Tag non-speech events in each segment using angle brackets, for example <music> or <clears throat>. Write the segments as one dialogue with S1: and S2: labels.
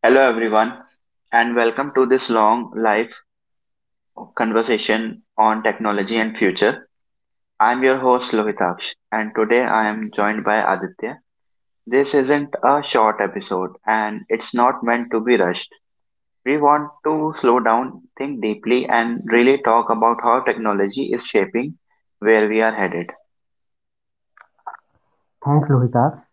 S1: Hello, everyone, and welcome to this long life conversation on technology and future. I'm your host, Lohitaksh, and today I am joined by Aditya. This isn't a short episode, and it's not meant to be rushed. We want to slow down, think deeply, and really talk about how technology is shaping where we are headed.
S2: Thanks, Lohita.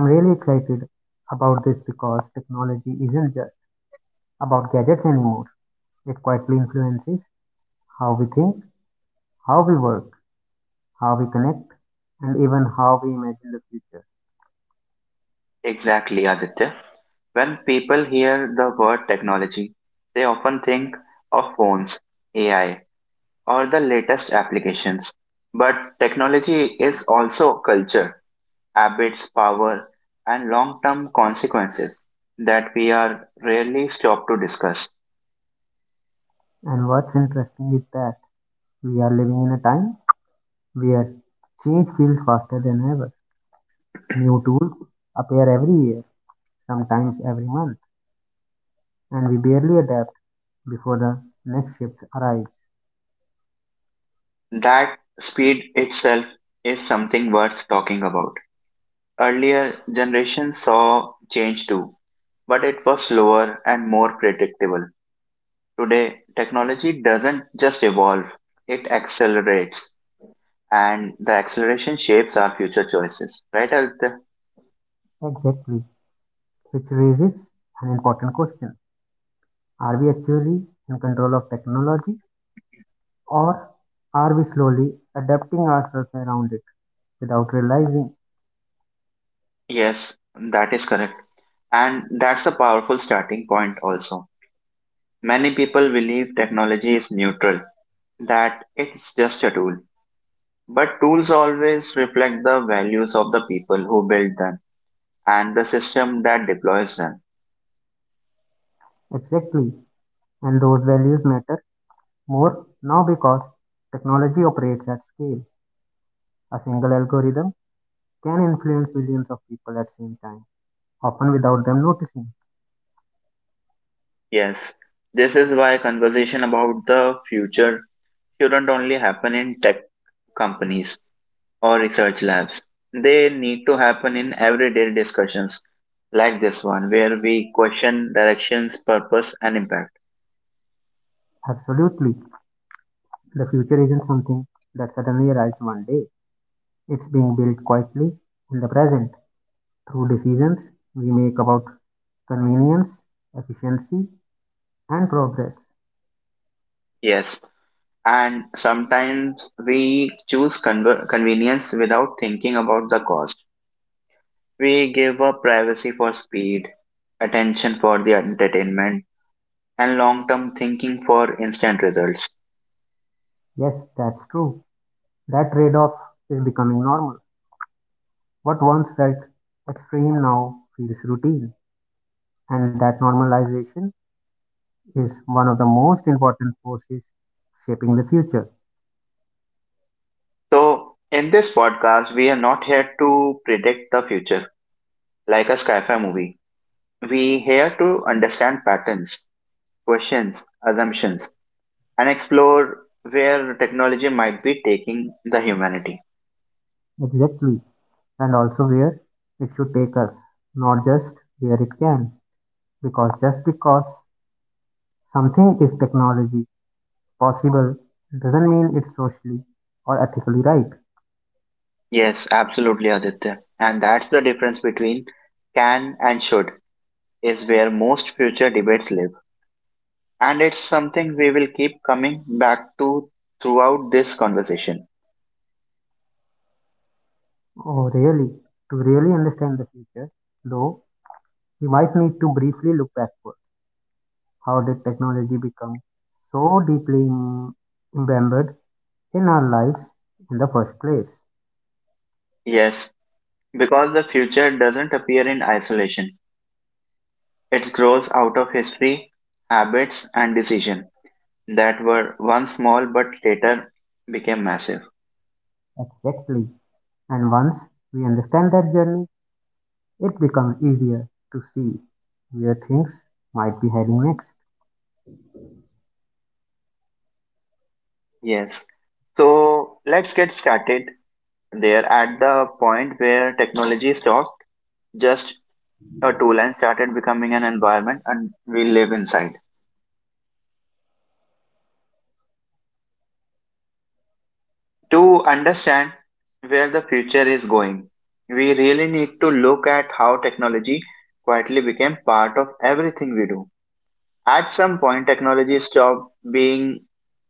S2: I'm really excited about this because technology isn't just about gadgets anymore. It quietly influences how we think, how we work, how we connect, and even how we imagine the future.
S1: Exactly, Aditya. When people hear the word technology, they often think of phones, AI or the latest applications. But technology is also culture, habits, power, and long term consequences that we are rarely stopped to discuss.
S2: And what's interesting is that we are living in a time where change feels faster than ever. New tools appear every year, sometimes every month, and we barely adapt before the next shift arrives.
S1: That speed itself is something worth talking about. Earlier generations saw change too, but it was slower and more predictable. Today, technology doesn't just evolve, it accelerates, and the acceleration shapes our future choices. Right, Aditya?
S2: Exactly, which raises an important question. Are we actually in control of technology, or are we slowly adapting ourselves around it without realizing
S1: Yes, that is correct. And that's a powerful starting point also. Many people believe technology is neutral, that it's just a tool. But tools always reflect the values of the people who build them and the system that deploys them.
S2: exactly? And those values matter more now because technology operates at scale. A single algorithm can influence billions of people at the same time, often without them noticing.
S1: Yes, this is why conversation about the future shouldn't only happen in tech companies. Or research labs. They need to happen in everyday discussions like this one, where we question directions, purpose, and impact.
S2: Absolutely. The future isn't something that suddenly arrives one day. It's being built quietly in the present through decisions we make about convenience, efficiency, and progress.
S1: Yes, and sometimes we choose convenience without thinking about the cost. We give up privacy for speed, attention for the entertainment, and long term thinking for instant results.
S2: Yes, that's true. That trade off is becoming normal. What once felt extreme now feels routine, and that normalization is one of the most important forces shaping the future.
S1: So, in this podcast, we are not here to predict the future like a sci fi movie. We here to understand patterns, questions, assumptions, and explore where technology might be taking the humanity.
S2: Exactly, and also where it should take us, not just where it can. Because just because something is technology possible doesn't mean it's socially or ethically right.
S1: Yes, absolutely, Aditya. And that's the difference between can and should, is where most future debates live. And it's something we will keep coming back to throughout this conversation.
S2: Oh, really? To really understand the future, though, we might need to briefly look backward. How did technology become so deeply embedded in our lives in the first place?
S1: Yes, because the future doesn't appear in isolation, it grows out of history, habits, and decision that were once small but later became massive.
S2: Exactly. And once we understand that journey, it becomes easier to see where things might be heading next.
S1: Yes. So let's get started there at the point where technology stopped just a tool and started becoming an environment and we live inside. To understand where the future is going, we really need to look at how technology quietly became part of everything we do. At some point, technology stopped being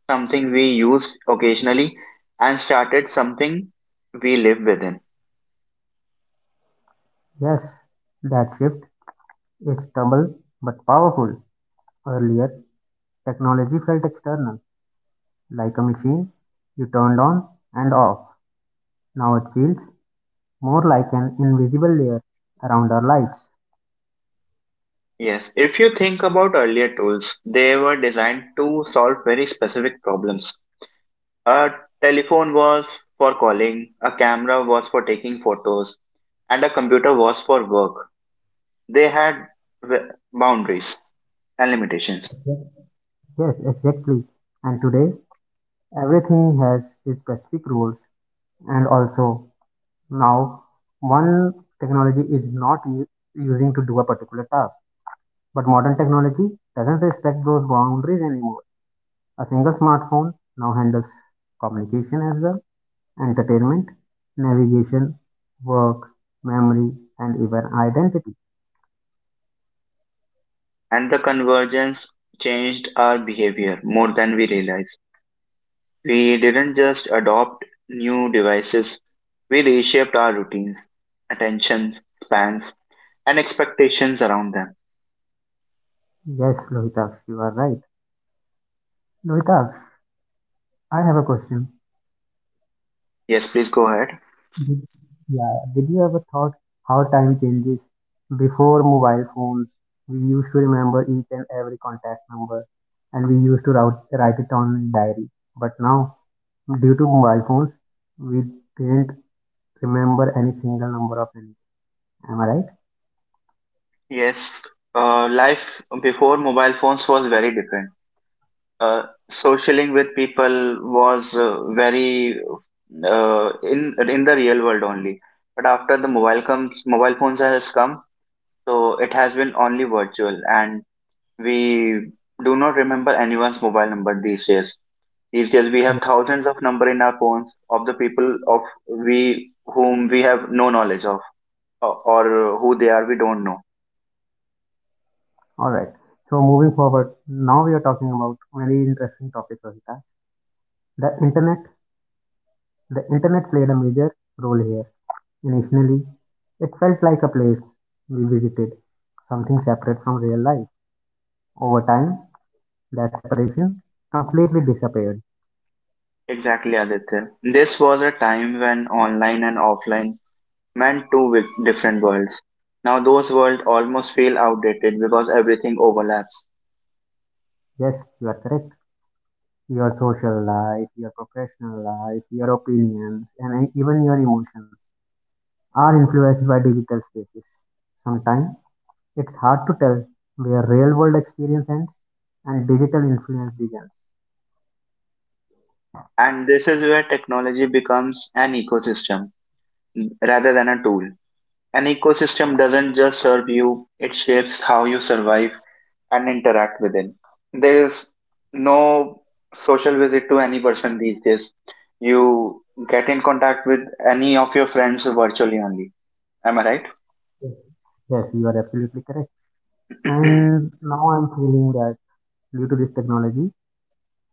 S1: something we use occasionally and started something we live within.
S2: Yes, that shift is double but powerful. Earlier, technology felt external, like a machine you turned on and off. Now it feels more like an invisible layer around our lives.
S1: Yes, if you think about earlier tools, they were designed to solve very specific problems. A telephone was for calling, a camera was for taking photos, and a computer was for work. They had boundaries and limitations,
S2: Yes, exactly. And today, everything has its specific rules. And also, now, one technology is not using to do a particular task. But modern technology doesn't respect those boundaries anymore. A single smartphone now handles communication as well, entertainment, navigation, work, memory, and even identity.
S1: and the convergence changed our behavior more than we realize. We didn't just adopt new devices, we reshaped our routines, attentions, spans, and expectations around them.
S2: Yes, Lohitaksh, you are right. Lohitaksh, I have a question.
S1: Yes, please go ahead.
S2: Did, yeah, did you ever thought how time changes? Before mobile phones, we used to remember each and every contact number, and we used to write it on diary. But now, due to mobile phones, we didn't remember any single number of any. Am I right?
S1: Yes, life before mobile phones was very different. Uh, Socialing with people was very in the real world only. But after the mobile comes, mobile phones has come, so it has been only virtual, and we do not remember anyone's mobile number these days. These days we have
S2: Yeah.
S1: thousands of number in our phones of the people of we whom we have no knowledge of or who they are we don't know.
S2: All right. So moving forward, now we are talking about very interesting topic, Ravita. The internet. The internet played a major role here. Initially, it felt like a place we visited, something separate from real life. Over time, that separation completely disappeared.
S1: Exactly, Aditya. This was a time when online and offline meant two different worlds. Now those worlds almost feel outdated because everything overlaps.
S2: Yes, you are correct. Your social life, your professional life, your opinions, and even your emotions are influenced by digital spaces. Sometimes it's hard to tell where real world experience ends and digital influence begins.
S1: And this is where technology becomes an ecosystem rather than a tool. An ecosystem doesn't just serve you, it shapes how you survive, and interact within. There is no social visit to any person these days. You get in contact with any of your friends virtually only. Am I
S2: Yes, Yes, you are absolutely correct.
S1: right? <clears throat>
S2: And now I'm feeling that due to this technology,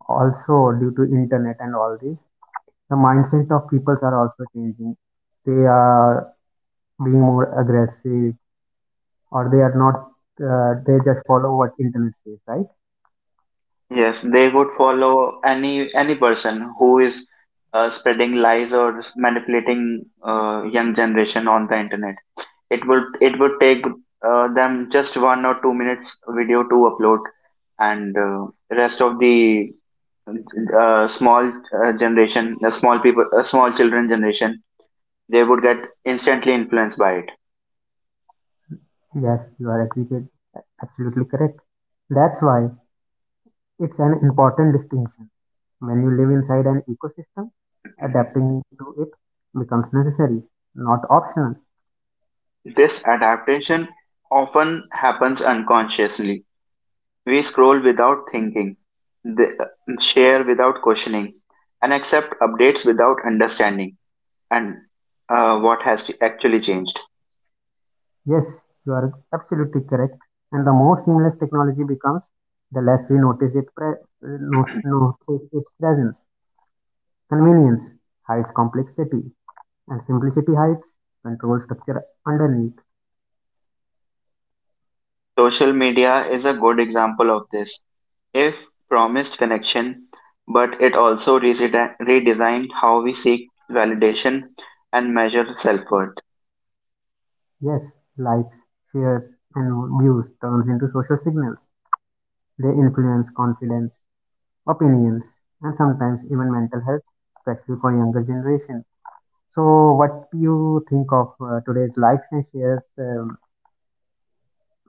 S2: also, due to internet and all this, the mindset of people are also changing. They are being more aggressive, or they are not. They just follow what internet says, right?
S1: Yes, they would follow any person who is spreading lies or manipulating young generation on the internet. It would take them just 1 or 2 minutes video to upload, and rest of the small generation, small people, small children generation, they would get instantly influenced by it.
S2: Yes, you are absolutely correct. That's why it's an important distinction. When you live inside an ecosystem,
S1: Mhm.
S2: adapting to it becomes necessary, not optional.
S1: This adaptation often happens unconsciously. We scroll without thinking, share without questioning, and accept updates without understanding and what has actually changed.
S2: Yes, you are absolutely correct. And the more seamless technology becomes, the less we notice it notice its presence. Convenience hides complexity, and simplicity hides control structure underneath.
S1: Social media is a good example of this. If promised connection, but it also redesigned how we seek validation and measure self worth.
S2: Yes, likes, shares, and views turns into social signals. They influence confidence, opinions, and sometimes even mental health, especially for younger generation. So, what do you think of today's likes and shares?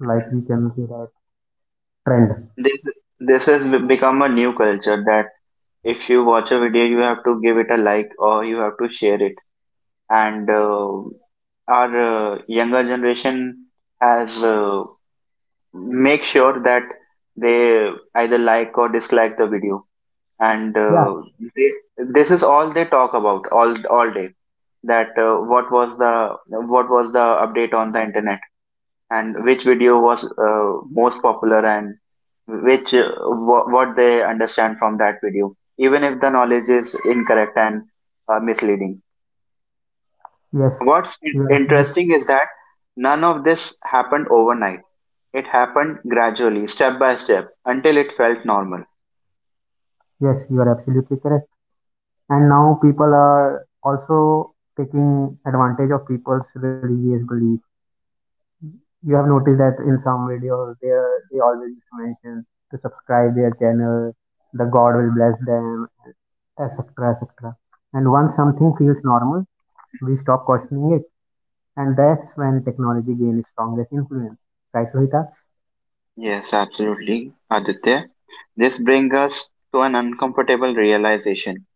S2: Like we can say that trend
S1: This this has become a new culture that if you watch a video, you have to give it a like or you have to share it. And our younger generation has make sure that they either like or dislike the video, and
S2: yeah
S1: they, this is all they talk about all day that what was the update on the internet and which video was most popular and which what they understand from that video even if the knowledge is incorrect and misleading.
S2: yes
S1: what's
S2: you
S1: in-
S2: are absolutely,
S1: interesting is that none of this happened overnight. It happened gradually step by step until it felt normal.
S2: yes you are absolutely correct. And now people are also taking advantage of people's religious belief. You have noticed that in some videos they are, they always used to mention to subscribe their channel, the god will bless them, etc, etc. And once something feels normal we stop questioning it, and that's when technology gains its strongest influence, right Rohita?
S1: Yes, absolutely, Aditya, this brings us to an uncomfortable realization.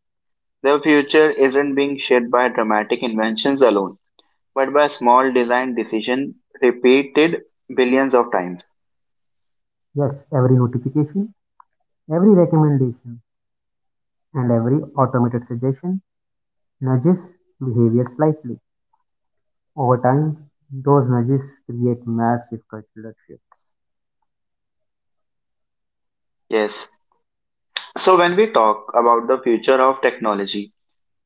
S1: The future isn't being shaped by dramatic inventions alone, but by small design decisions repeated billions of times.
S2: Yes, every notification, every recommendation, and every automated suggestion nudges behavior slightly. Over time, those nudges create massive cultural shifts.
S1: Yes. So when we talk about the future of technology,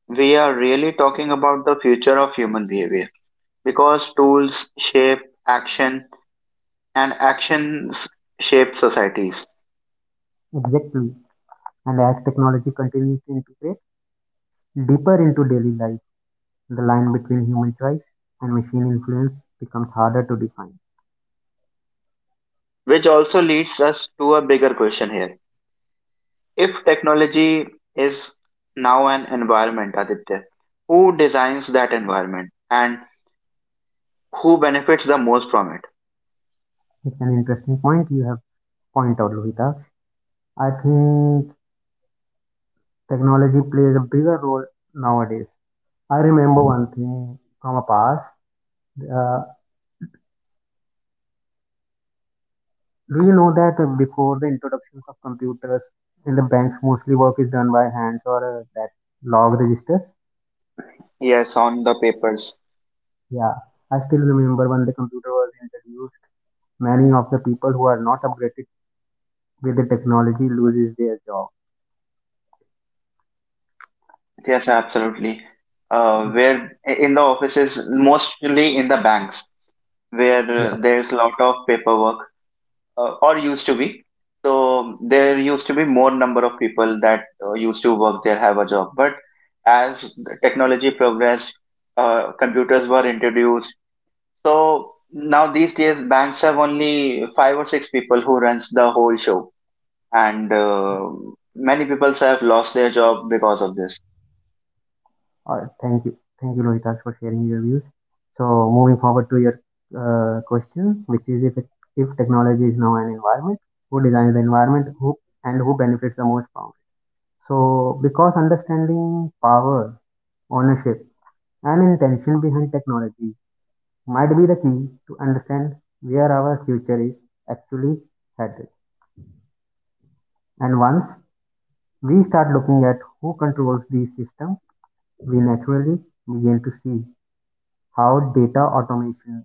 S1: we are really talking about the future of human behavior because tools shape action and actions shape societies,
S2: Exactly. And as technology continues to integrate deeper into daily life, the line between human choice and machine influence becomes harder to define.
S1: which also leads us to a bigger question here. If technology is now an environment, Aditya, who designs that environment? And who benefits the most from it?
S2: It's an interesting point you have pointed out, Lohita. I think technology plays a bigger role nowadays. I remember one thing from a past. Uh, Do you know that before the introductions of computers in the banks, mostly work is done by hands or that log registers?
S1: Yes, on the papers.
S2: Yeah, I still remember when the computer was introduced, many of the people who are not upgraded with the technology loses their job.
S1: Yes, absolutely.
S2: Yeah,
S1: Where in the offices, mostly in the banks, where
S2: yeah.
S1: there's a lot of paperwork, or used to be. So there used to be more number of people that used to work there have a job. But as the technology progressed, computers were introduced. So now these days, banks have only five or six people who runs the whole show and many people have lost their job because of this.
S2: All right, thank you, Lohitak, for sharing your views. So moving forward to your question, which is if technology is now an environment, who designs the environment, who benefits the most from it? So because understanding power ownership, and intention behind technology might be the key to understand where our future is actually headed. And once we start looking at who controls these systems, we naturally begin to see how data automation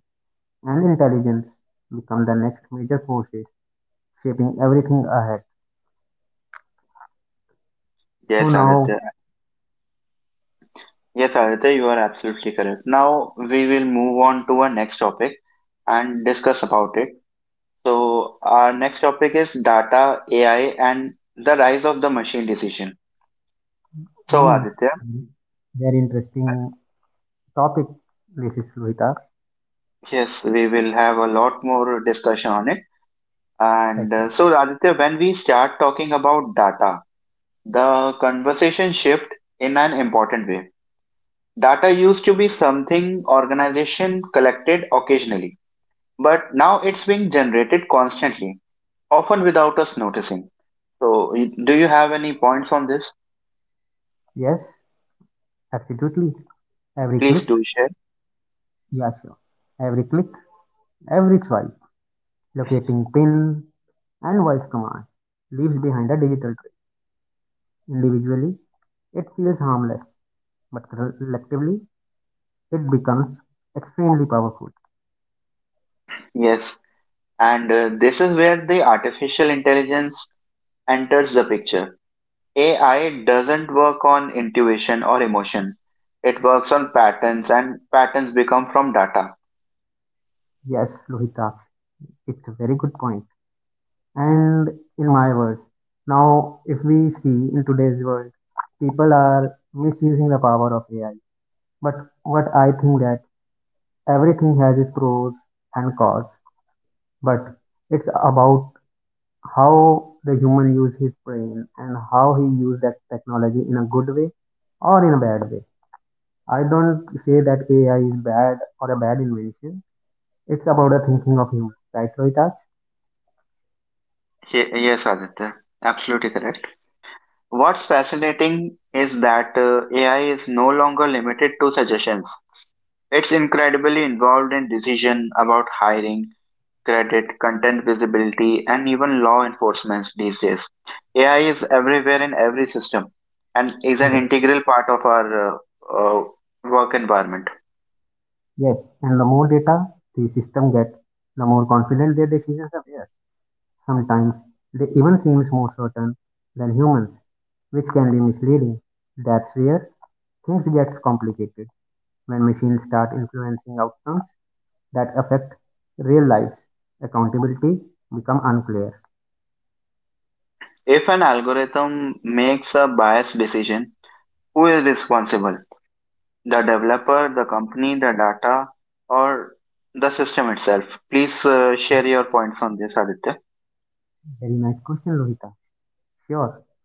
S2: and intelligence become the next major forces shaping everything ahead. So
S1: Yes,
S2: now,
S1: Aditya. Yes, Aditya, you are absolutely correct. Now we will move on to our next topic and discuss about it. So our next topic is data, AI, and the rise of the machine decision. So
S2: hmm,
S1: Aditya,
S2: very interesting topic. This is Lohita.
S1: yes, we will have a lot more discussion on it. And so Aditya, when we start talking about data, the conversation shift in an important way. Data used to be something organization collected occasionally, but now it's being generated constantly, often without us noticing. So, do you have any points on this?
S2: Yes, absolutely. Every
S1: Please
S2: click.
S1: do share.
S2: Yeah, sure. Every click, every swipe, locating pin and voice command leaves behind a digital trail. Individually, it feels harmless, but collectively, it becomes extremely powerful.
S1: Yes, and this is where the artificial intelligence enters the picture. AI doesn't work on intuition or emotion. It works on patterns, and patterns become from data.
S2: Yes, Lohita, it's a very good point. And in my words, now if we see in today's world, people are misusing the power of AI. But what I think that everything has its pros and cons, but it's about how the human use his brain and how he use that technology in a good way or in a bad way. I don't say that AI is bad or a bad invention. It's about the thinking of humans, right, Rohita?
S1: Yes, Aditya, absolutely correct. What's fascinating is that AI is no longer limited to suggestions. It's incredibly involved in decision about hiring, credit, content visibility, and even law enforcement these days. AI is everywhere in every system and is an
S2: Yes,
S1: integral part of our uh, work environment.
S2: yes. And the more data the system gets, the more confident their decisions appear. Sometimes they even seem more certain than humans, which can be misleading. That's where things gets complicated when machines start influencing outcomes that affect real lives, accountability become unclear.
S1: If an algorithm makes a biased decision, who is responsible? The developer, the company, the data, or the system itself. Please share your points on this, Aditya.
S2: Very nice question, Lohita. Sure,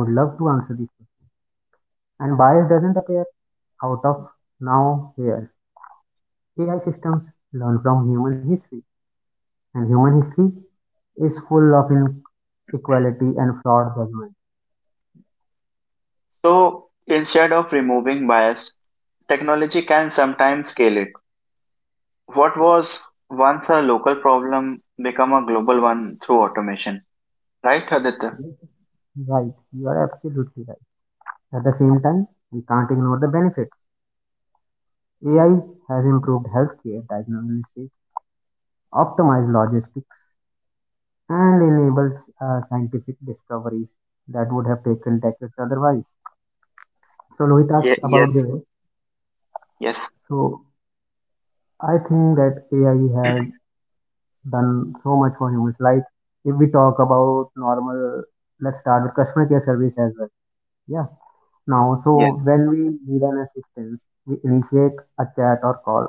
S2: I would love to answer this question. And bias doesn't appear out of now here. AI systems learn from human history, and human history is full of inequality and flawed judgment.
S1: So, instead of removing bias, technology can sometimes scale it. What was once a local problem become a global one through automation, right, Aditya?
S2: Yes, right, you are absolutely right. At the same time, we can't ignore the benefits. AI has improved healthcare diagnosis, optimized logistics, and enables scientific discoveries that would have taken decades otherwise. So Louis
S1: Ye-
S2: talks about
S1: yes,
S2: this.
S1: yes,
S2: So I think that AI has done so much for humans. Like if we talk about normal, let's start with customer care service as well. Yeah. Now, so
S1: yes,
S2: when we need an assistance, we initiate a chat or call.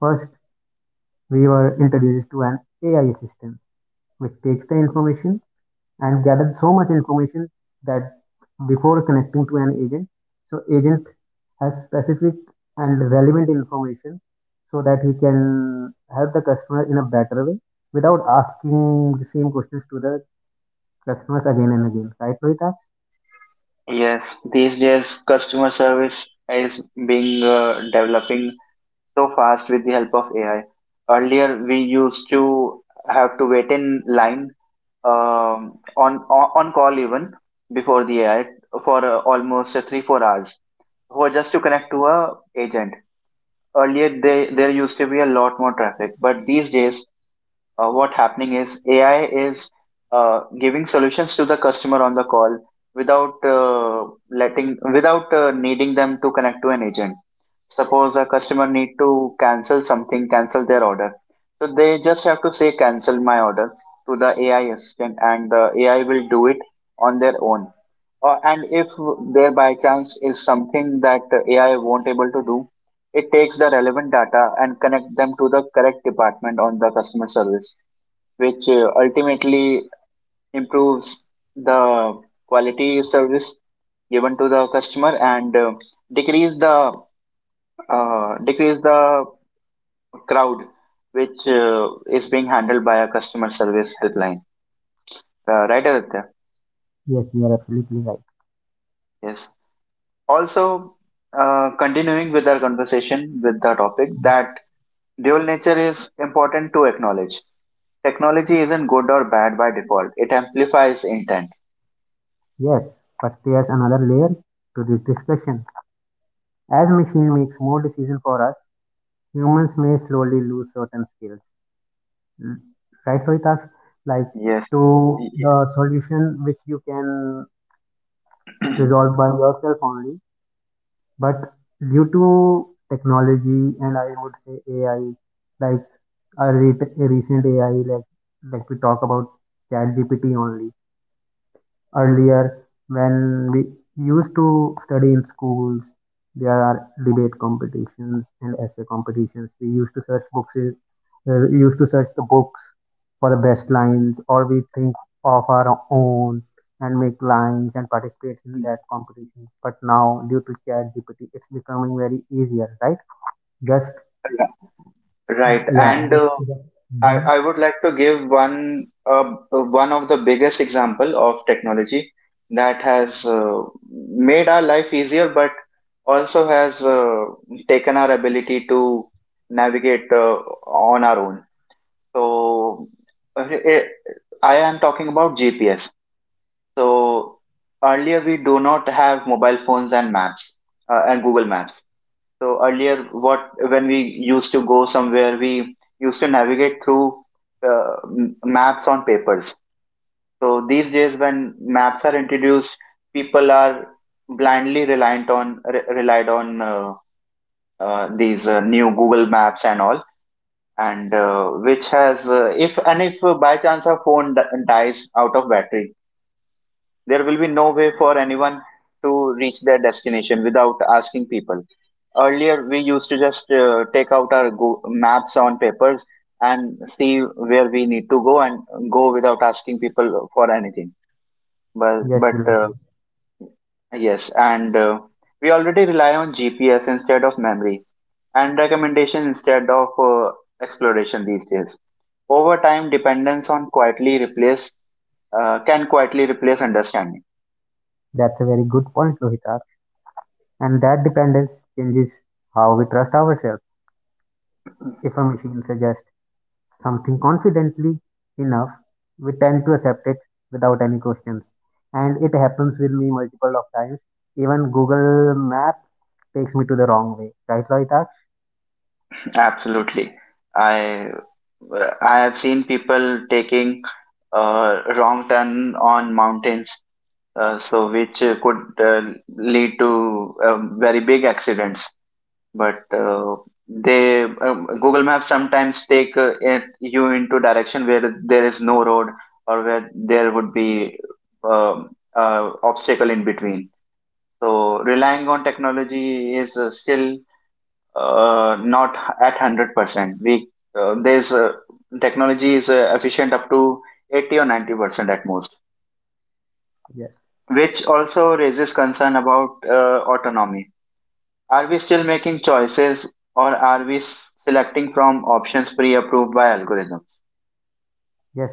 S2: First, we were introduced to an AI assistant, which takes the information and gathered so much information that before connecting to an agent, so agent has specific and relevant information so that he can help the customer in a better way without asking the same questions to the customers again and again, right Rohita?
S1: yes. These days, customer service is being developing so fast with the help of AI. Earlier, we used to have to wait in line on call even before the AI for almost 3 4 hours for just to connect to a agent. Earlier, there used to be a lot more traffic, but these days, what happening is AI is giving solutions to the customer on the call without letting without needing them to connect to an agent. Suppose a customer need to cancel something, cancel their order. So they just have to say cancel my order to the AI assistant and the AI will do it on their own. Or and if there by chance is something that AI won't able to do, it takes the relevant data and connect them to the correct department on the customer service, which ultimately improves the quality service given to the customer and decrease the decrease the crowd which is being handled by a customer service helpline. Right, Aditya?
S2: Yes you are absolutely right.
S1: Yes. Also, continuing with our conversation with the topic that dual nature is important to acknowledge. Technology isn't good or bad by default. It amplifies intent.
S2: Yes, first there's another layer to this discussion, as machine makes more decision for us humans may slowly lose certain skills. Right, rightfully task like
S1: Yes.
S2: to
S1: <clears throat>
S2: the solution which you can resolve by yourself only. But due to technology and I would say AI, like a, re- a recent AI, like we talk about ChatGPT only. Earlier when we used to study in schools there are debate competitions and essay competitions, we used to search books, used to search the books for the best lines or we think of our own and make lines and participate in that competition. But now due to chat gpt it's becoming very easier, right? just
S1: Right.
S2: yeah
S1: And
S2: just, Mhm.
S1: I would like to give one of the biggest example of technology that has made our life easier, but also has taken our ability to navigate on our own. So uh, it, I am talking about GPS. So earlier we do not have mobile phones and maps and Google Maps. So earlier, what when we used to go somewhere, we used to navigate through maps on papers. So these days, when maps are introduced, people are blindly reliant on relied on these new Google Maps and all, and which has if by chance our phone dies out of battery, there will be no way for anyone to reach their destination without asking people. Earlier, we used to just take out our maps on papers and see where we need to go and go without asking people for anything. But
S2: Yes
S1: but
S2: Lohita.
S1: yes, and we already rely on GPS instead of memory and recommendation instead of exploration these days. Over time, dependence on quietly replace can quietly replace understanding.
S2: That's a very good point lohita, and that dependence changes how we trust ourselves. If a machine suggests something confidently enough, we tend to accept it without any questions. And it happens with me multiple of times. Even Google Map takes me to the wrong way. Right, Loitax?
S1: Absolutely. I I have seen people taking wrong turn on mountains, so which could lead to very big accidents. But they Google Maps sometimes take you into direction where there is no road or where there would be um, obstacle in between. So relying on technology is still not at 100%. We there's Technology is efficient up to 80 or 90% at most,
S2: Yes.
S1: which also raises concern about autonomy. Are we still making choices or are we selecting from options pre-approved by algorithms?
S2: Yes,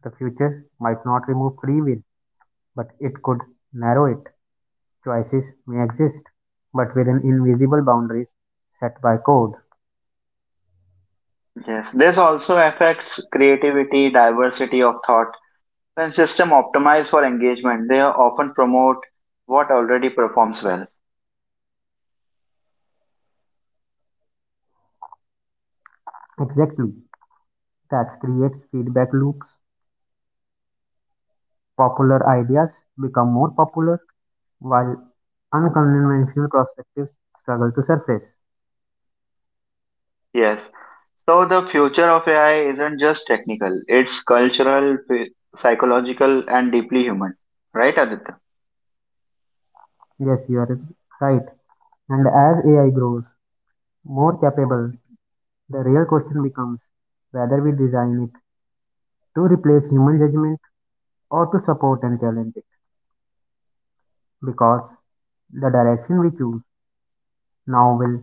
S2: the future might not remove free will, but it could narrow it. Choices may exist, but within invisible boundaries set by code.
S1: Yes, this also affects creativity, diversity of thought. When systems optimize for engagement, they often promote what already performs well.
S2: Exactly. That creates feedback loops. Popular ideas become more popular, while unconventional perspectives struggle to surface.
S1: Yes, so the future of AI isn't just technical, it's cultural, psychological, and deeply human. Right, Aditya?
S2: Yes, you are right. And as AI grows more capable, the real question becomes whether we design it to replace human judgment or to support and challenge it. Because the direction we choose now will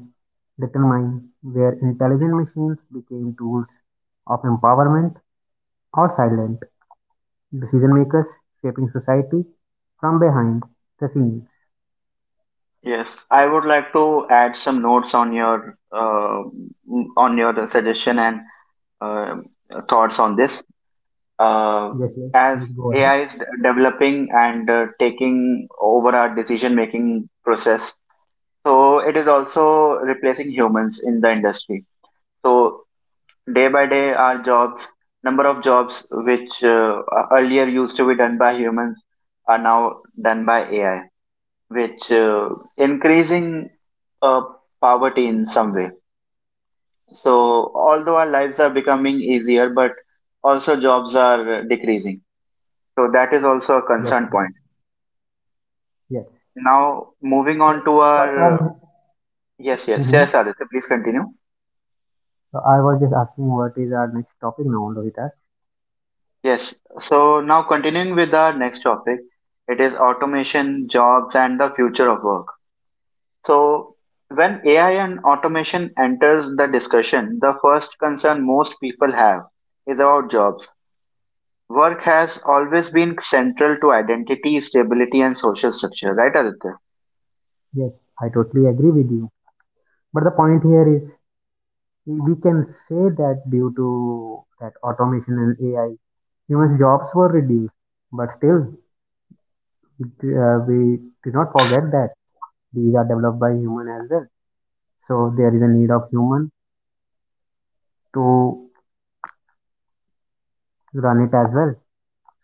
S2: determine where intelligent machines became tools of empowerment or silent decision makers shaping society from behind the scenes.
S1: Yes, I would like to add some notes on your suggestion and uh, thoughts on this. Uh,
S2: Yes,
S1: as
S2: please go ahead.
S1: AI is developing and taking over our decision making process, so it is also replacing humans in the industry. So day by day, our jobs, number of jobs which earlier used to be done by humans are now done by AI, which increasing uh, poverty in some way. So although our lives are becoming easier, but also jobs are decreasing. So that is also a
S2: Yes,
S1: concern point.
S2: Yes.
S1: Now moving
S2: So
S1: on to
S2: what's our
S1: our yes, yes,
S2: hmm
S1: yes, Aditya, please continue.
S2: so I was just asking what is our next topic now, Lohitas.
S1: Yes, so now continuing with our next topic: it is automation jobs and the future of work. So when AI and automation enters the discussion, the first concern most people have is about jobs. Work has always been central to identity, stability, and social structure, right, Aditya?
S2: Yes, I totally agree with you. But the point here is we can say that due to that automation and AI, human jobs were reduced. But still, we do not forget that these are developed by human as well. So there is a need of human to run it as well.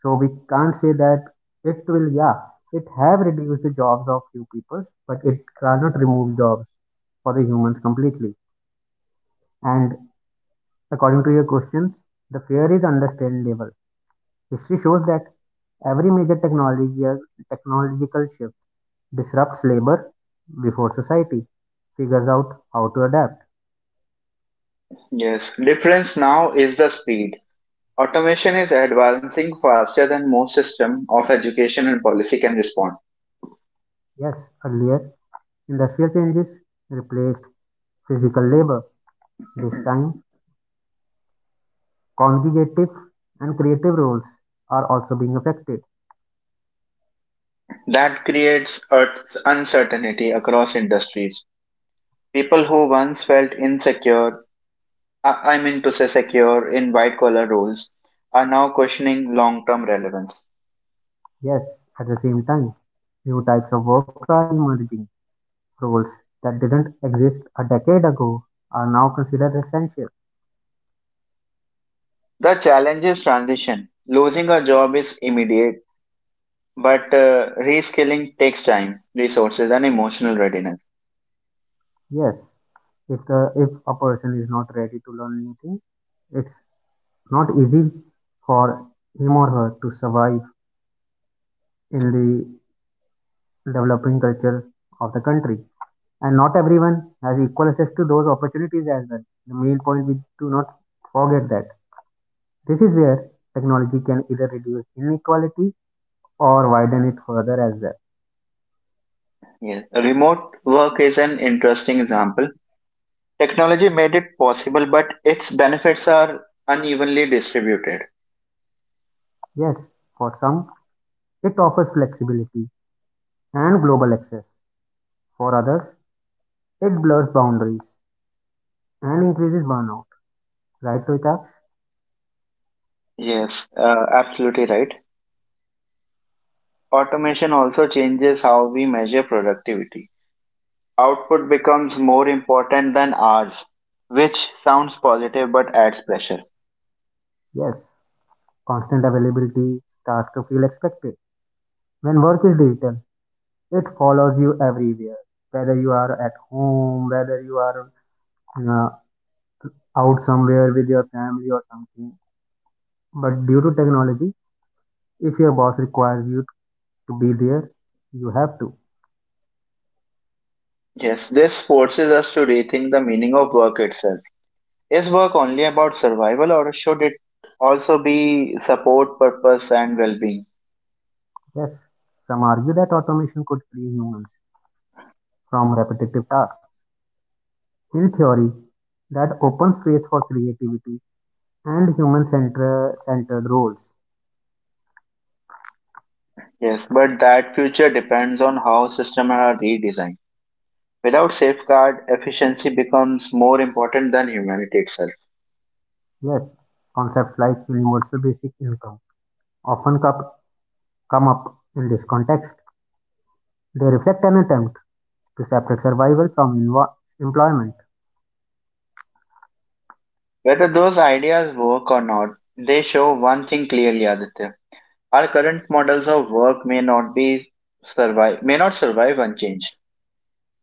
S2: So we can't say that it will, yeah, it have reduced the jobs of few peoples, but it cannot remove jobs for the humans completely. And according to your questions, the fear is understandable. History shows that every major technology technological shift disrupts labor before society figures out how to adapt.
S1: Yes. Difference now is the speed. Automation is advancing faster than most system of education and policy can respond.
S2: Yes, earlier industrial changes replaced physical labor. This time cognitive and creative roles are also being affected.
S1: That creates uncertainty across industries. People who once felt insecure, I mean to say secure, in white collar roles are now questioning long term relevance.
S2: Yes, at the same time, new types of work are emerging. Roles that didn't exist a decade ago are now considered essential.
S1: The challenge is transition. Losing a job is immediate, but reskilling takes time, resources, and emotional readiness.
S2: Yes, if a person is not ready to learn new things, it's not easy for him or her to survive in the developing culture of the country. And not everyone has equal access to those opportunities as well. The main point we do not forget that. This is where technology can either reduce inequality or widen it further as well.
S1: Yes. Remote work is an interesting example. Technology made it possible, but its benefits are unevenly distributed.
S2: Yes, for some, it offers flexibility and global access. For others, it blurs boundaries and increases burnout. Right, Loita?
S1: Yes, absolutely right. Automation also changes how we measure productivity. Output becomes more important than hours, which sounds positive but adds pressure.
S2: Yes, constant availability starts to feel expected. When work is digital, it follows you everywhere. Whether you are at home, whether you are uh, out somewhere with your family or something. But due to technology, if your boss requires you to be there, you have to.
S1: Yes, this forces us to rethink the meaning of work itself. Is work only about survival or should it also be support, purpose, and well being?
S2: Yes, some argue that automation could free humans from repetitive tasks. In theory, that opens space for creativity and human centered roles.
S1: Yes, but that future depends on how systems are redesigned. Without safeguard, efficiency becomes more important than humanity itself.
S2: Yes, concepts like universal basic income often cup- come up in this context. They reflect an attempt to separate survival from employment.
S1: Whether those ideas work or not, they show one thing clearly, Aditya. Our current models of work may not survive unchanged.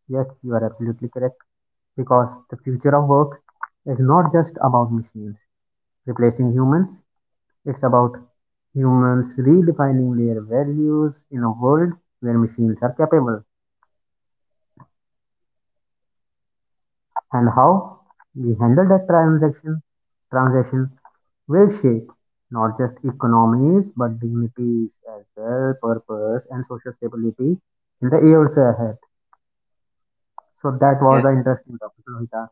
S2: Yes, you are absolutely correct because the future of work is not just about machines replacing humans. It's about humans redefining their values in a world where machines are capable, and how we handle that transaction transition will shape not just economies but dignities as well, purpose and social stability in the years ahead. So that was
S1: Yes,
S2: an interesting topic, Lohita.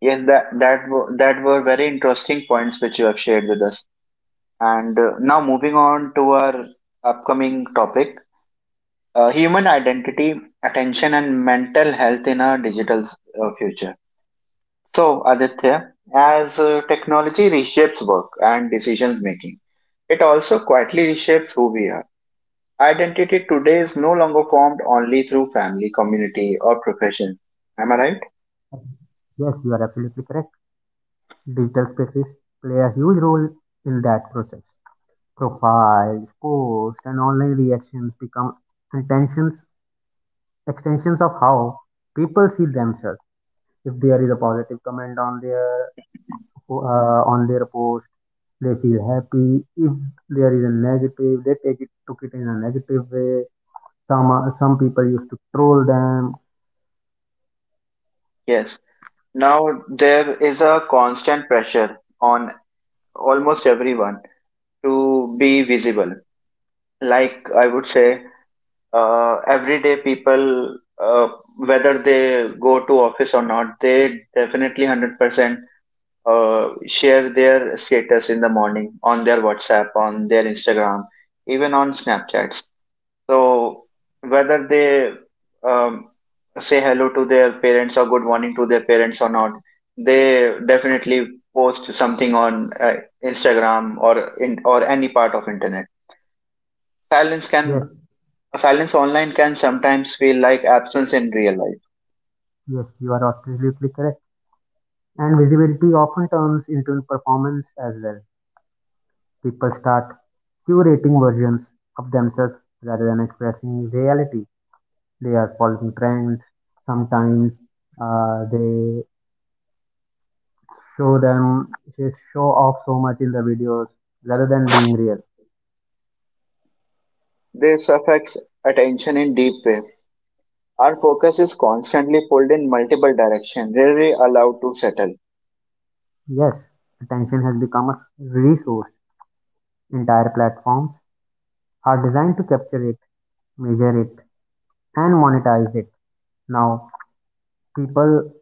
S1: yes, that were very interesting points which you have shared with us. And now moving on to our upcoming topic: human identity, attention, and mental health in a digital future. So, Aditya, as technology reshapes work and decisions making, it also quietly reshapes who we are. Identity today is no longer formed only through family, community, or profession. Am I right?
S2: Yes, you are absolutely correct. Digital spaces play a huge role in that process. Profiles, posts, and online reactions become extensions, extensions of how people see themselves. If there is a positive comment on their post, they feel happy. If there is a negative, they take it took it in a negative way. Some people used to troll them.
S1: Yes. Now there is a constant pressure on almost everyone to be visible. Like I would say, everyday people, uh, whether they go to office or not, they definitely 100% share their status in the morning on their WhatsApp, on their Instagram, even on Snapchats. So whether they um, say hello to their parents or good morning to their parents or not, they definitely post something on Instagram or any part of internet. Silence can
S2: Yes,
S1: Silence online can sometimes feel like absence in real life.
S2: yes, you are absolutely correct. And visibility often turns into performance as well. People start curating versions of themselves rather than expressing reality. They are following trends sometimes, uh, they show them they show off so much in the videos rather than being real.
S1: This affects attention in deep way. Our focus is constantly pulled in multiple directions, rarely allowed to settle.
S2: Yes, attention has become a resource. Entire platforms are designed to capture it, measure it, and monetize it. Now people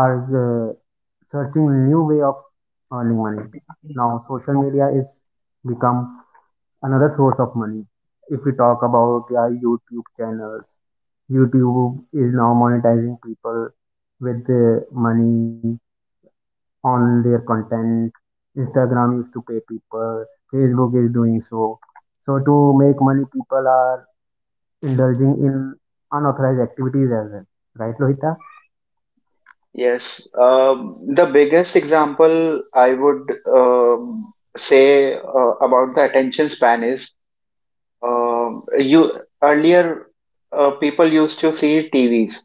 S2: are uh, searching new way of earning money. Now social media is become another source of money. If we talk about our YouTube channels, YouTube is now monetizing people with their money on their content. Instagram used to pay people, Facebook is doing so. So, to make money, people are indulging in unauthorized activities as well. Right, Lohita?
S1: um, Say about the attention span is, you earlier, people used to see TVs,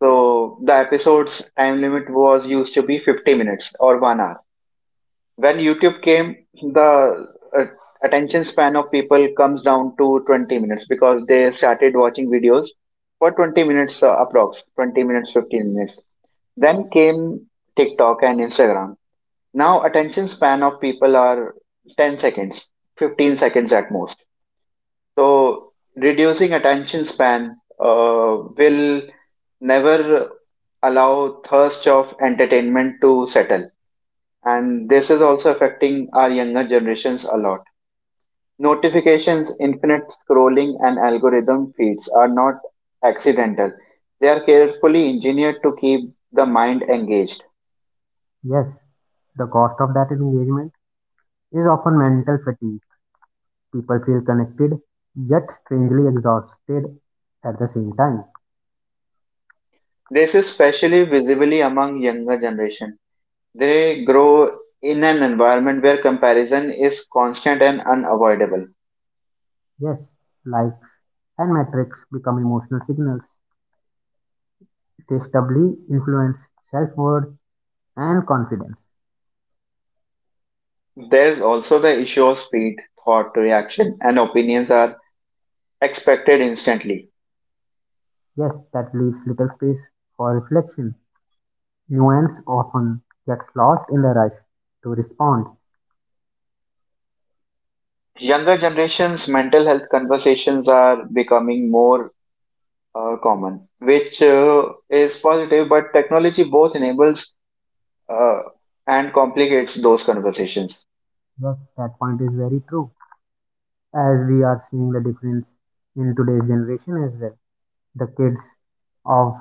S1: so the episode's time limit was used to be 50 minutes or 1 hour. When YouTube came, the uh, attention span of people comes down to 20 minutes because they started watching videos for 20 minutes, approx 20 minutes, 15 minutes. Then came TikTok and Instagram. Now attention span of people are 10 seconds, 15 seconds at most. So reducing attention span will never allow thirst of entertainment to settle. And this is also affecting our younger generations a lot. Notifications, infinite scrolling, and algorithm feeds are not accidental. They are carefully engineered to keep the mind engaged.
S2: Yes, the cost of that engagement is often mental fatigue. People feel connected yet strangely exhausted at the same time.
S1: This is especially visibly among younger generation. They grow in an environment where comparison is constant and unavoidable.
S2: Yes, likes and metrics become emotional signals. They doubly influence self worth and confidence.
S1: There's also the issue of speed, thought, reaction, and opinions are expected instantly.
S2: Yes, that leaves little space for reflection. Nuance often gets lost in the rush to respond.
S1: Younger generations' mental health conversations are becoming more common, which is positive, but technology both enables uh, and complicates those conversations.
S2: Yes, that point is very true. As we are seeing the difference in today's generation as well. The kids of,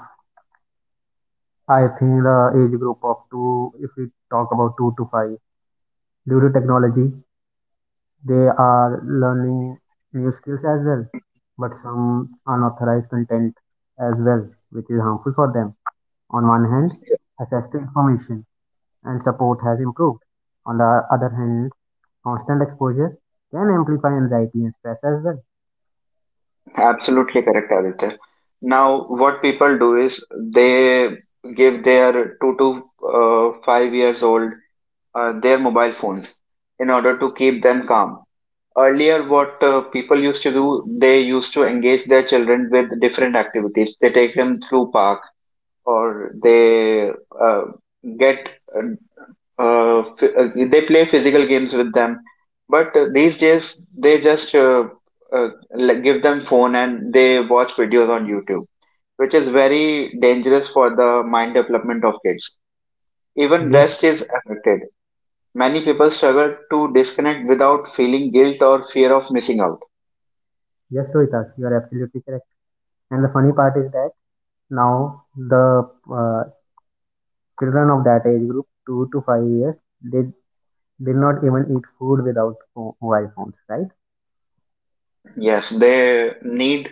S2: I think, the age group of two, if we talk about 2 to 5, due to technology, they are learning new skills as well, but some unauthorized content as well, which is harmful for them. On one hand, access to information and support has improved. On the other hand, constant exposure can amplify anxiety and stress as well.
S1: Absolutely correct, Aditya. Now, what people do is they give their 2 to 5 years old their mobile phones in order to keep them calm. Earlier, what people used to do, they used to engage their children with different activities. They take them through park, or they uh, get they play physical games with them. But these days they just like give them phone and they watch videos on YouTube, which is very dangerous for the mind development of kids. Even
S2: Yes,
S1: rest is affected. Many people struggle to disconnect without feeling guilt or fear of missing out.
S2: yes, Rohita, you are absolutely correct. And the funny part is that now the uh, children of that age group, 2 to 5 years, they did not even eat food without pho- mobile phones, right?
S1: Yes, they need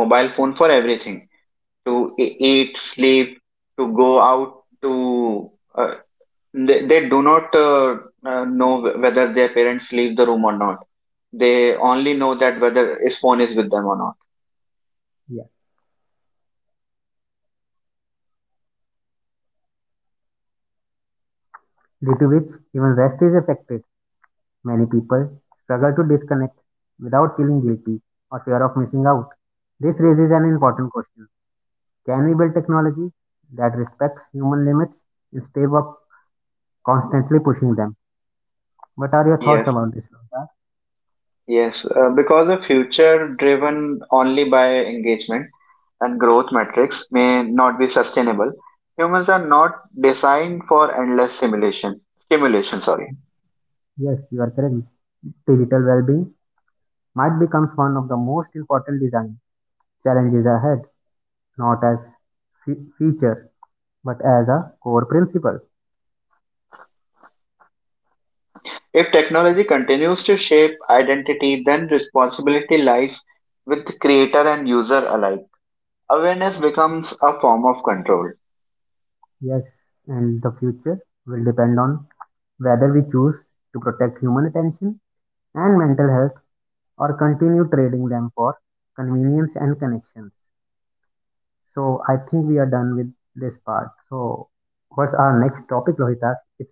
S1: mobile phone for everything, to eat, sleep, to go out, to uh, they do not know whether their parents leave the room or not. They only know that whether his phone is with them or not.
S2: Due to which even rest is affected. Many people struggle to disconnect without feeling guilty or fear of missing out. This raises an important question. Can we build technology that respects human limits instead of constantly pushing them? What are your thoughts
S1: Yes,
S2: about this, Shloka?
S1: yes. Because a future driven only by engagement and growth metrics may not be sustainable. Humans are not designed for endless simulation, stimulation. Sorry.
S2: Yes, you are correct. Digital well-being might becomes one of the most important design challenges ahead, not as feature, but as a core principle.
S1: If technology continues to shape identity, then responsibility lies with creator and user alike. Awareness becomes a form of control.
S2: Yes, and the future will depend on whether we choose to protect human attention and mental health or continue trading them for convenience and connections. So I think we are done with this part. So what's our next topic, Lohita? It's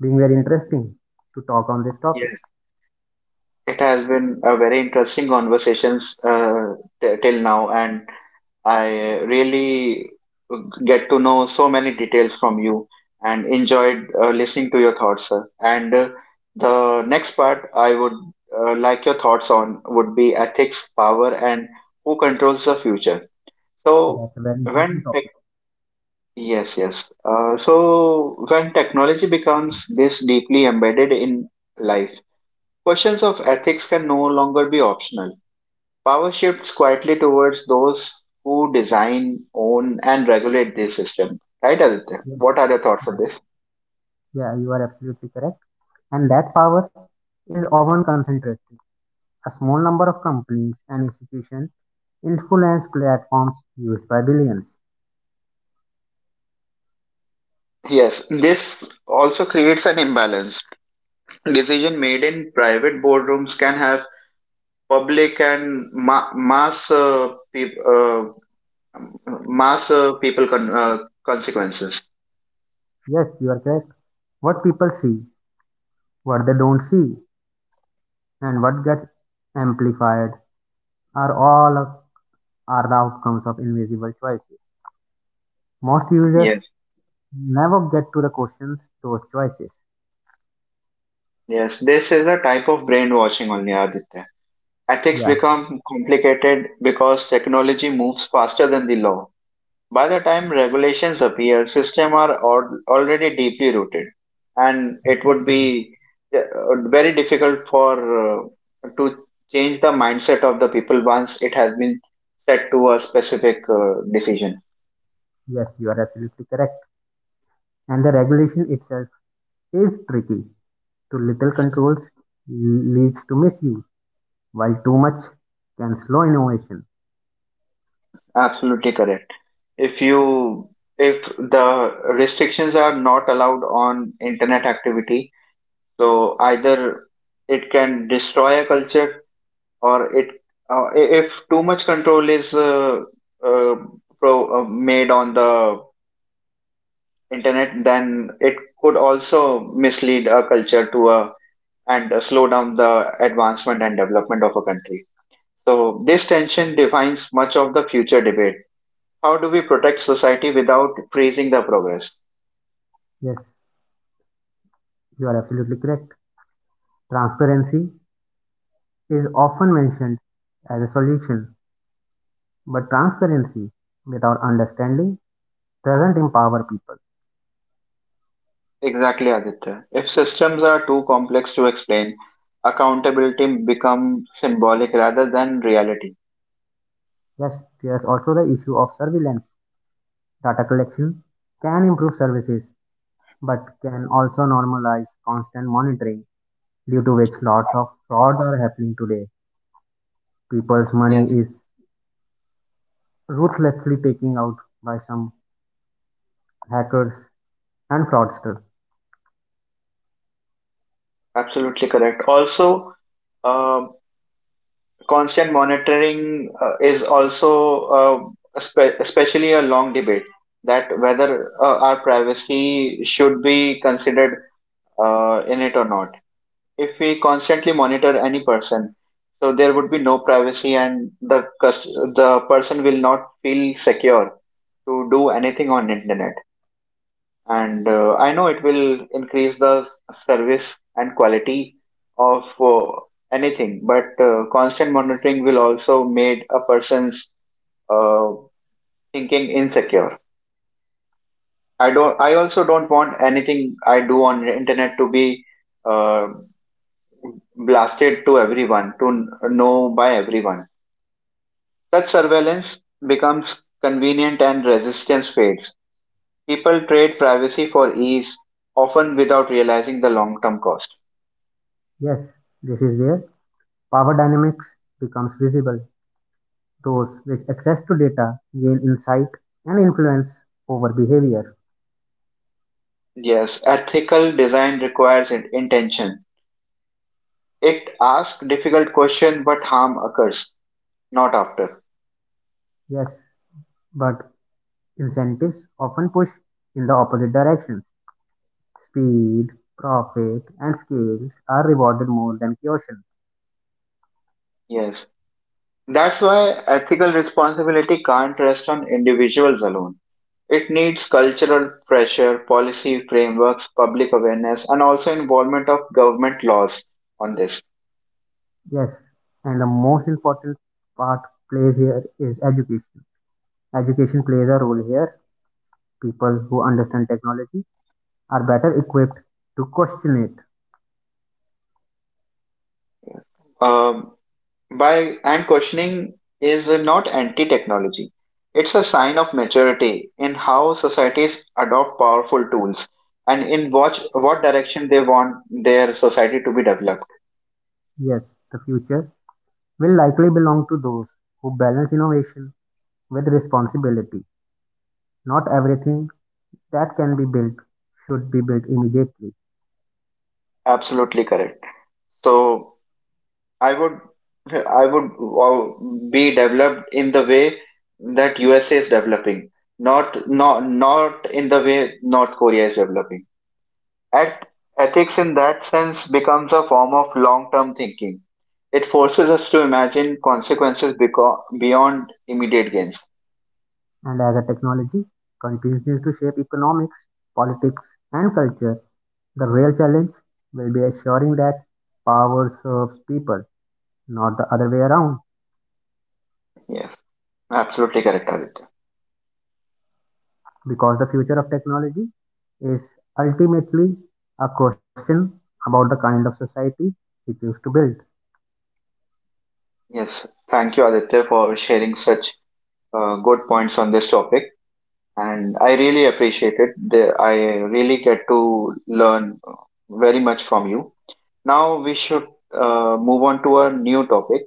S2: being very interesting to talk on this topic.
S1: Yes. It has been a very interesting conversations till now, and I really get to know so many details from you and enjoyed listening to your thoughts, sir. And the next part I would like your thoughts on would be ethics, power, and who controls the future.
S2: That's
S1: So
S2: a very important
S1: when
S2: topic.
S1: tech- yes, yes. So when technology becomes this deeply embedded in life, questions of ethics can no longer be optional. Power shifts quietly towards those who design, own, and regulate this system. Right, Aditya?
S2: Yeah,
S1: What are your thoughts on
S2: right.
S1: this?
S2: Yeah, you are absolutely correct. And that power is often concentrated. A small number of companies and institutions influence platforms used by billions.
S1: Yes, this also creates an imbalance. Decision made in private boardrooms can have public and mass, peop mass people, consequences.
S2: Yes, you are correct. What people see, what they don't see, and what gets amplified are all of, are the outcomes of invisible choices. Most users
S1: Yes,
S2: never get to the questions those choices.
S1: yes. This is a type of brainwashing only, Aditya. Ethics
S2: Yeah,
S1: become complicated because technology moves faster than the law. By the time regulations appear, systems are already deeply rooted, and it would
S2: exactly.
S1: be uh, very difficult for to change the mindset of the people once it has been set to a specific decision.
S2: Yes, you are absolutely correct. And the regulation itself is tricky. Too little controls leads to misuse, while too much can slow innovation.
S1: Absolutely correct. If you if the restrictions are not allowed on internet activity, so either it can destroy a culture, or it if too much control is uh, made on the internet, then it could also mislead a culture, to a and slow down the advancement and development of a country. So this tension defines much of the future debate: how do we protect society without freezing the progress?
S2: Yes, you are absolutely correct. Transparency is often mentioned as a solution, but transparency without understanding doesn't empower people.
S1: Exactly, Aditya. If systems are too complex to explain, accountability become symbolic rather than reality.
S2: Yes, there's also the issue of surveillance. Data collection can improve services, but can also normalize constant monitoring, due to which lots of frauds are happening today. People's money
S1: Yes.
S2: is ruthlessly taken out by some hackers and fraudsters.
S1: Absolutely correct. Also, um, constant monitoring is also, especially a long debate that whether our privacy should be considered in it or not. If we constantly monitor any person, so there would be no privacy, and the person will not feel secure to do anything on internet, and I know it will increase the service and quality of anything. But constant monitoring will also made a person's uh, thinking insecure. I don't. I also don't want anything I do on the internet to be uh, blasted to everyone, know by everyone. Such surveillance becomes convenient and resistance fades. People trade privacy for ease, often without realizing the long-term cost.
S2: Yes, this is where power dynamics becomes visible. Those with access to data gain insight and influence over behavior.
S1: Yes, ethical design requires intention. It asks difficult question, but harm occurs, not after.
S2: Yes, but incentives often push in the opposite directions. Speed, profit, and skills are rewarded more than caution.
S1: Yes. That's why ethical responsibility can't rest on individuals alone. It needs cultural pressure, policy frameworks, public awareness, and also involvement of government laws on this.
S2: Yes, and the most important part plays here is education. Education plays a role here. People who understand technology are better equipped to question it.
S1: Um, by and questioning is not anti-technology. It's a sign of maturity in how societies adopt powerful tools and in what direction they want their society to be developed.
S2: Yes, the future will likely belong to those who balance innovation with responsibility. Not everything that can be built should be built immediately.
S1: Absolutely correct. So I would I would uh, be developed in the way that USA is developing, not in the way North Korea is developing. Eth- ethics, in that sense, becomes a form of long term thinking. It forces us to imagine consequences beyond immediate gains.
S2: And as a technology continues to shape economics, politics, and culture, the real challenge will be assuring that power serves people, not the other way around.
S1: Yes, absolutely correct, Aditya.
S2: Because the future of technology is ultimately a question about the kind of society we choose to build.
S1: Yes, thank you, Aditya, for sharing such good points on this topic. And I really appreciate it. I really get to learn very much from you. Now we should move on to a new topic,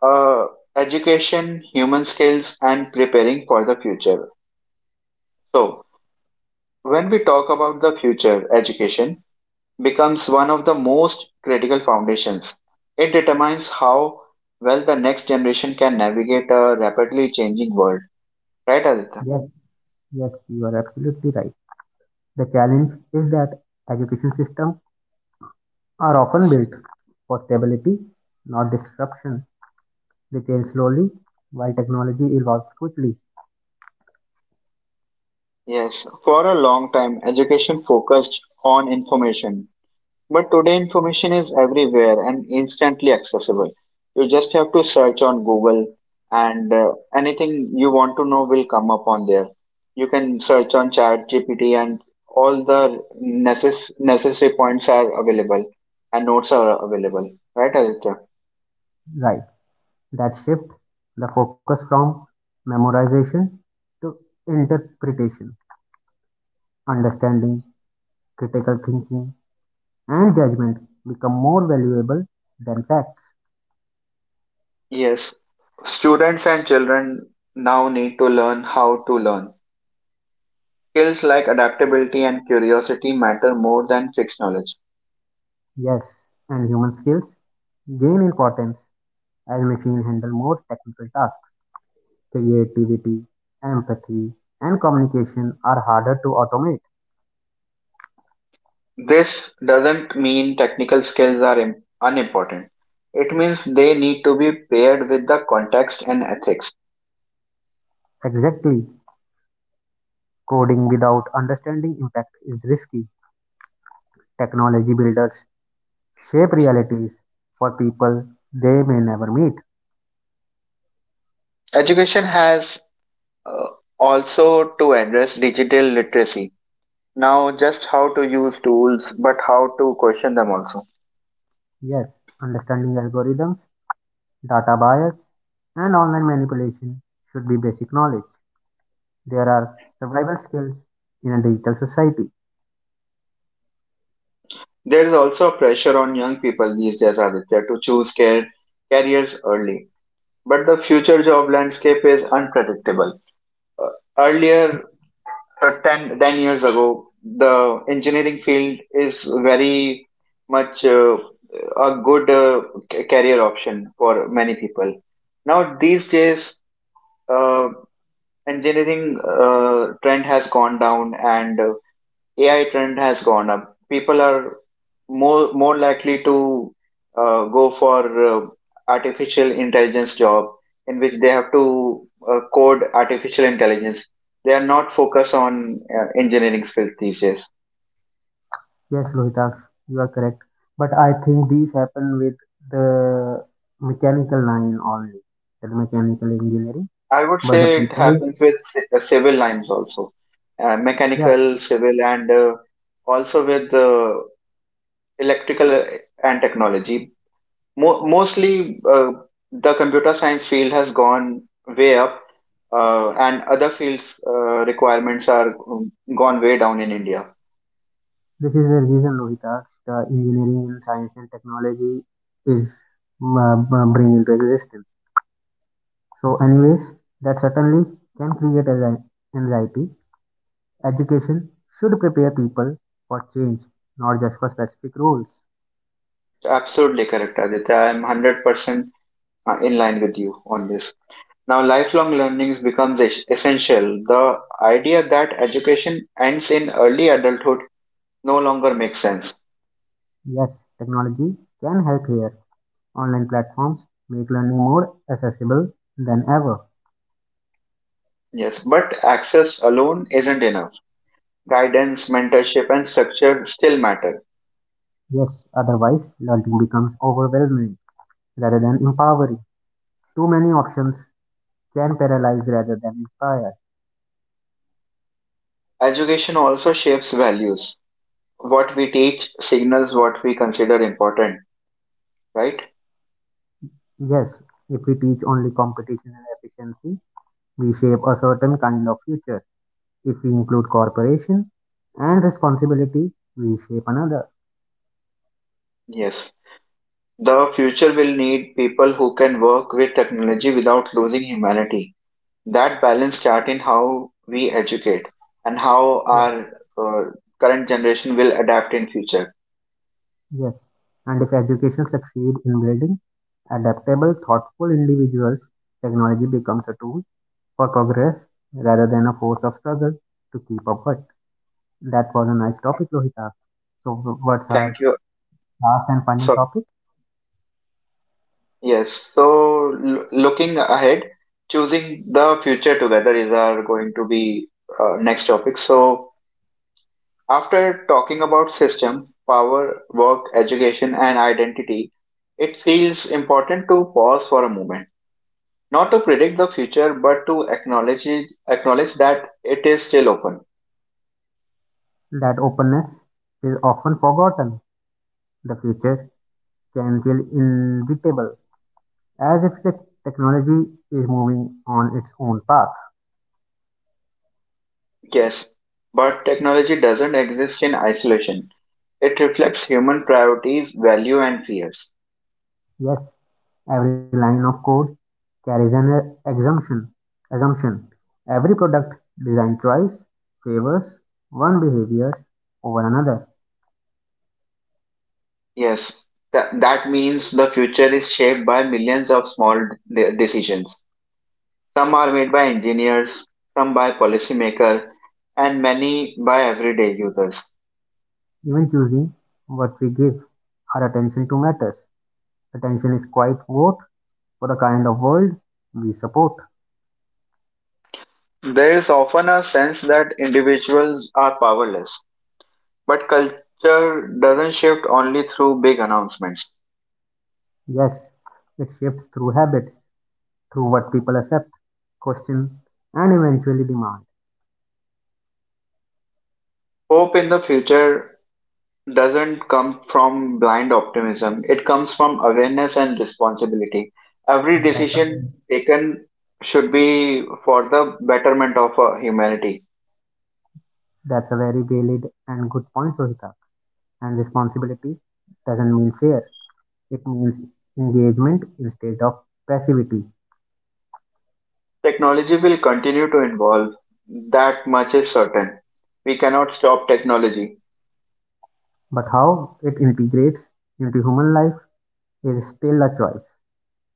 S1: uh, education, human skills, and preparing for the future. So, when we talk about the future, education becomes one of the most critical foundations. It determines how well the next generation can navigate a rapidly changing world. Right, Aditya?
S2: Yes, yes, you are absolutely right. The challenge is that education system are often built for stability, not disruption. Retail slowly, while technology evolves quickly.
S1: Yes. For a long time, education focused on information. But today information is everywhere and instantly accessible. You just have to search on Google, and anything you want to know will come up on there. You can search on Chat GPT and all the necessary points are available and notes are available. Right, Aditya?
S2: Right. That shift the focus from memorization to interpretation, understanding, critical thinking, and judgment become more valuable than facts.
S1: Yes. Students and children now need to learn how to learn. Skills like adaptability and curiosity matter more than fixed knowledge.
S2: Yes, and human skills gain importance as machines handle more technical tasks. Creativity, empathy, and communication are harder to automate.
S1: This doesn't mean technical skills are unimportant. It means they need to be paired with the context and ethics.
S2: Exactly. Coding without understanding impact is risky. Technology builders shape realities for people they may never meet.
S1: Education has uh, also to address digital literacy. Now, just how to use tools, but how to question them also.
S2: Yes, understanding algorithms, data bias, and online manipulation should be basic knowledge. There are survival skills in a digital society.
S1: There is also a pressure on young people these days, Aditya, to choose careers early. But the future job landscape is unpredictable. Uh, Earlier, ten ten years ago, the engineering field is very much, a good, career option for many people. Now, these days, uh, engineering trend has gone down, and AI trend has gone up. People are more likely to go for uh, artificial intelligence job in which they have to code artificial intelligence. They are not focused on engineering skills these days.
S2: Yes, Lohitaksh, you are correct. But I think these happen with the mechanical line only, the mechanical engineering.
S1: I would
S2: But the
S1: say it happens
S2: people,
S1: with civil lines also,
S2: yeah,
S1: mechanical, civil, and also with electrical and technology. Mostly the computer science field has gone way up, and other fields requirements are gone way down in India.
S2: this is the reason, Lohitas, the engineering in science and technology, is bring into existence. So, anyways, that certainly can create anxiety. Education should prepare people for change, not just for specific roles.
S1: Absolutely correct, Aditya. I am 100% in line with you on this. Now lifelong learning becomes essential. The idea that education ends in early adulthood no longer makes sense.
S2: Yes, technology can help here. Online platforms make learning more accessible than ever.
S1: Yes, but access alone isn't enough. Guidance, mentorship, and structure still matter.
S2: Yes, otherwise, learning becomes overwhelming rather than empowering. Too many options can paralyze rather than inspire.
S1: Education also shapes values. What we teach signals what we consider important, right?
S2: Yes, if we teach only competition and efficiency, we shape a certain kind of future. If we include cooperation and responsibility, we shape another.
S1: Yes. The future will need people who can work with technology without losing humanity. That balance starts in how we educate and how
S2: Yes.
S1: our uh, current generation will adapt in future.
S2: Yes. And if education succeeds in building adaptable, thoughtful individuals, technology becomes a tool for progress rather than a force of struggle to keep up with. That was a nice topic, Lohita. So, what's our
S1: Thank you.
S2: last and final
S1: Sorry.
S2: topic?
S1: Yes. So, looking ahead, choosing the future together is our going to be next topic. So after talking about system, power, work, education, and identity, it feels important to pause for a moment. Not to predict the future, but to acknowledge, it, acknowledge that it is still open.
S2: That openness is often forgotten. The future can feel inevitable, as if the technology is moving on its own path.
S1: Yes, but technology doesn't exist in isolation. It reflects human priorities, value, and fears.
S2: Yes, every line of code carries an assumption. Every product design choice favors one behavior over another.
S1: Yes, that means the future is shaped by millions of small decisions. Some are made by engineers, some by policymakers, and many by everyday users.
S2: Even choosing what we give our attention to matters. Attention is quite vote for the kind of world we support.
S1: There is often a sense that individuals are powerless, but culture doesn't shift only through big announcements.
S2: Yes, it shifts through habits, through what people accept, question, and eventually demand.
S1: Hope in the future doesn't come from blind optimism, it comes from awareness and responsibility. Every
S2: That's a
S1: decision
S2: very,
S1: taken should be for the betterment of humanity.
S2: that's a very valid and good point, Rohita. And responsibility doesn't mean fear. It means engagement instead of passivity.
S1: Technology will continue to evolve. That much is certain. We cannot stop technology.
S2: But how it integrates into human life is still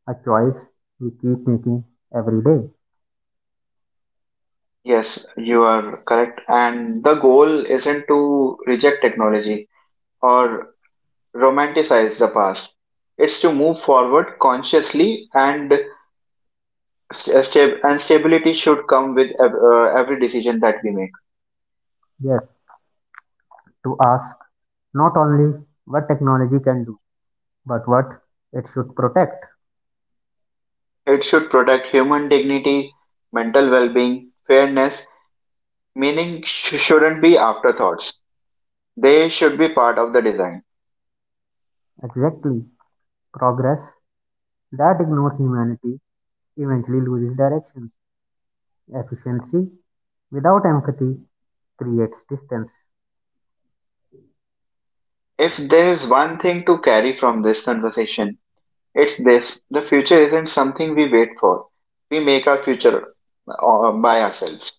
S2: a choice we keep making every day.
S1: Yes, you are correct. And the goal isn't to reject technology or romanticize the past. It's to move forward consciously, and stability should come with every decision that we make.
S2: Yes, to ask not only what technology can do, but what it should protect.
S1: It should protect human dignity, mental well-being, fairness. Meaning shouldn't be afterthoughts. They should be part of the design.
S2: Exactly. Progress that ignores humanity eventually loses direction. Efficiency without empathy creates distance.
S1: If there is one thing to carry from this conversation, it's this: the future isn't something we wait for. We make our future by ourselves.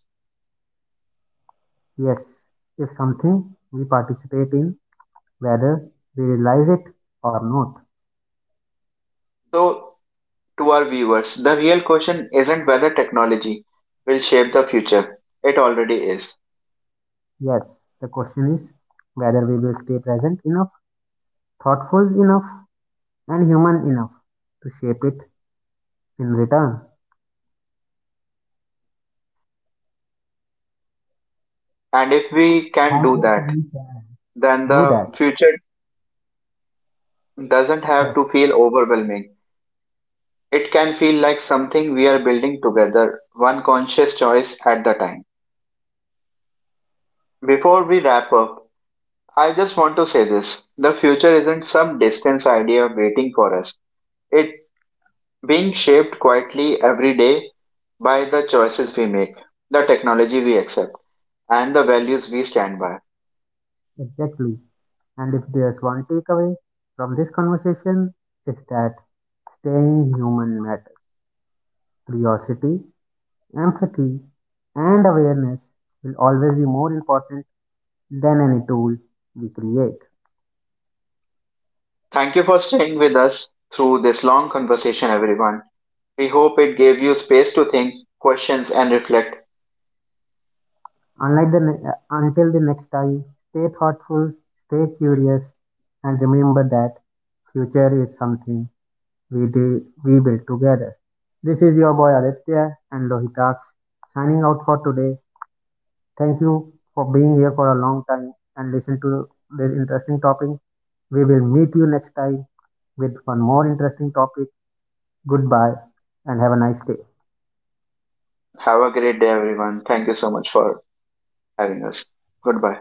S2: Yes, is something we participate in whether we realize it or not.
S1: So, to our viewers, the real question isn't whether technology will shape the future, it already is.
S2: Yes, the question is whether we will stay present enough, thoughtful enough, and human enough to shape it in return.
S1: And if we can
S2: And if
S1: do
S2: we
S1: that,
S2: can
S1: then
S2: do
S1: the
S2: that,
S1: future doesn't have
S2: yes,
S1: to feel overwhelming. It can feel like something we are building together, one conscious choice at the time. Before we wrap up, I just want to say this. The future isn't some distant idea waiting for us. It being shaped quietly every day by the choices we make, the technology we accept, and the values we stand by.
S2: exactly. And if there's one takeaway from this conversation, is that staying human matters. Curiosity, empathy, and awareness will always be more important than any tool we create.
S1: Thank you for staying with us through this long conversation, everyone. We hope it gave you space to think, questions, and reflect.
S2: Until the next time, stay thoughtful, stay curious, and remember that future is something we build together. This is your boy Aditya and Lohitax signing out for today. Thank you for being here for a long time and listen to this interesting topic. We will meet you next time with one more interesting topic. Goodbye and have a nice day.
S1: Have a great day, everyone. Thank you so much for having us. Goodbye.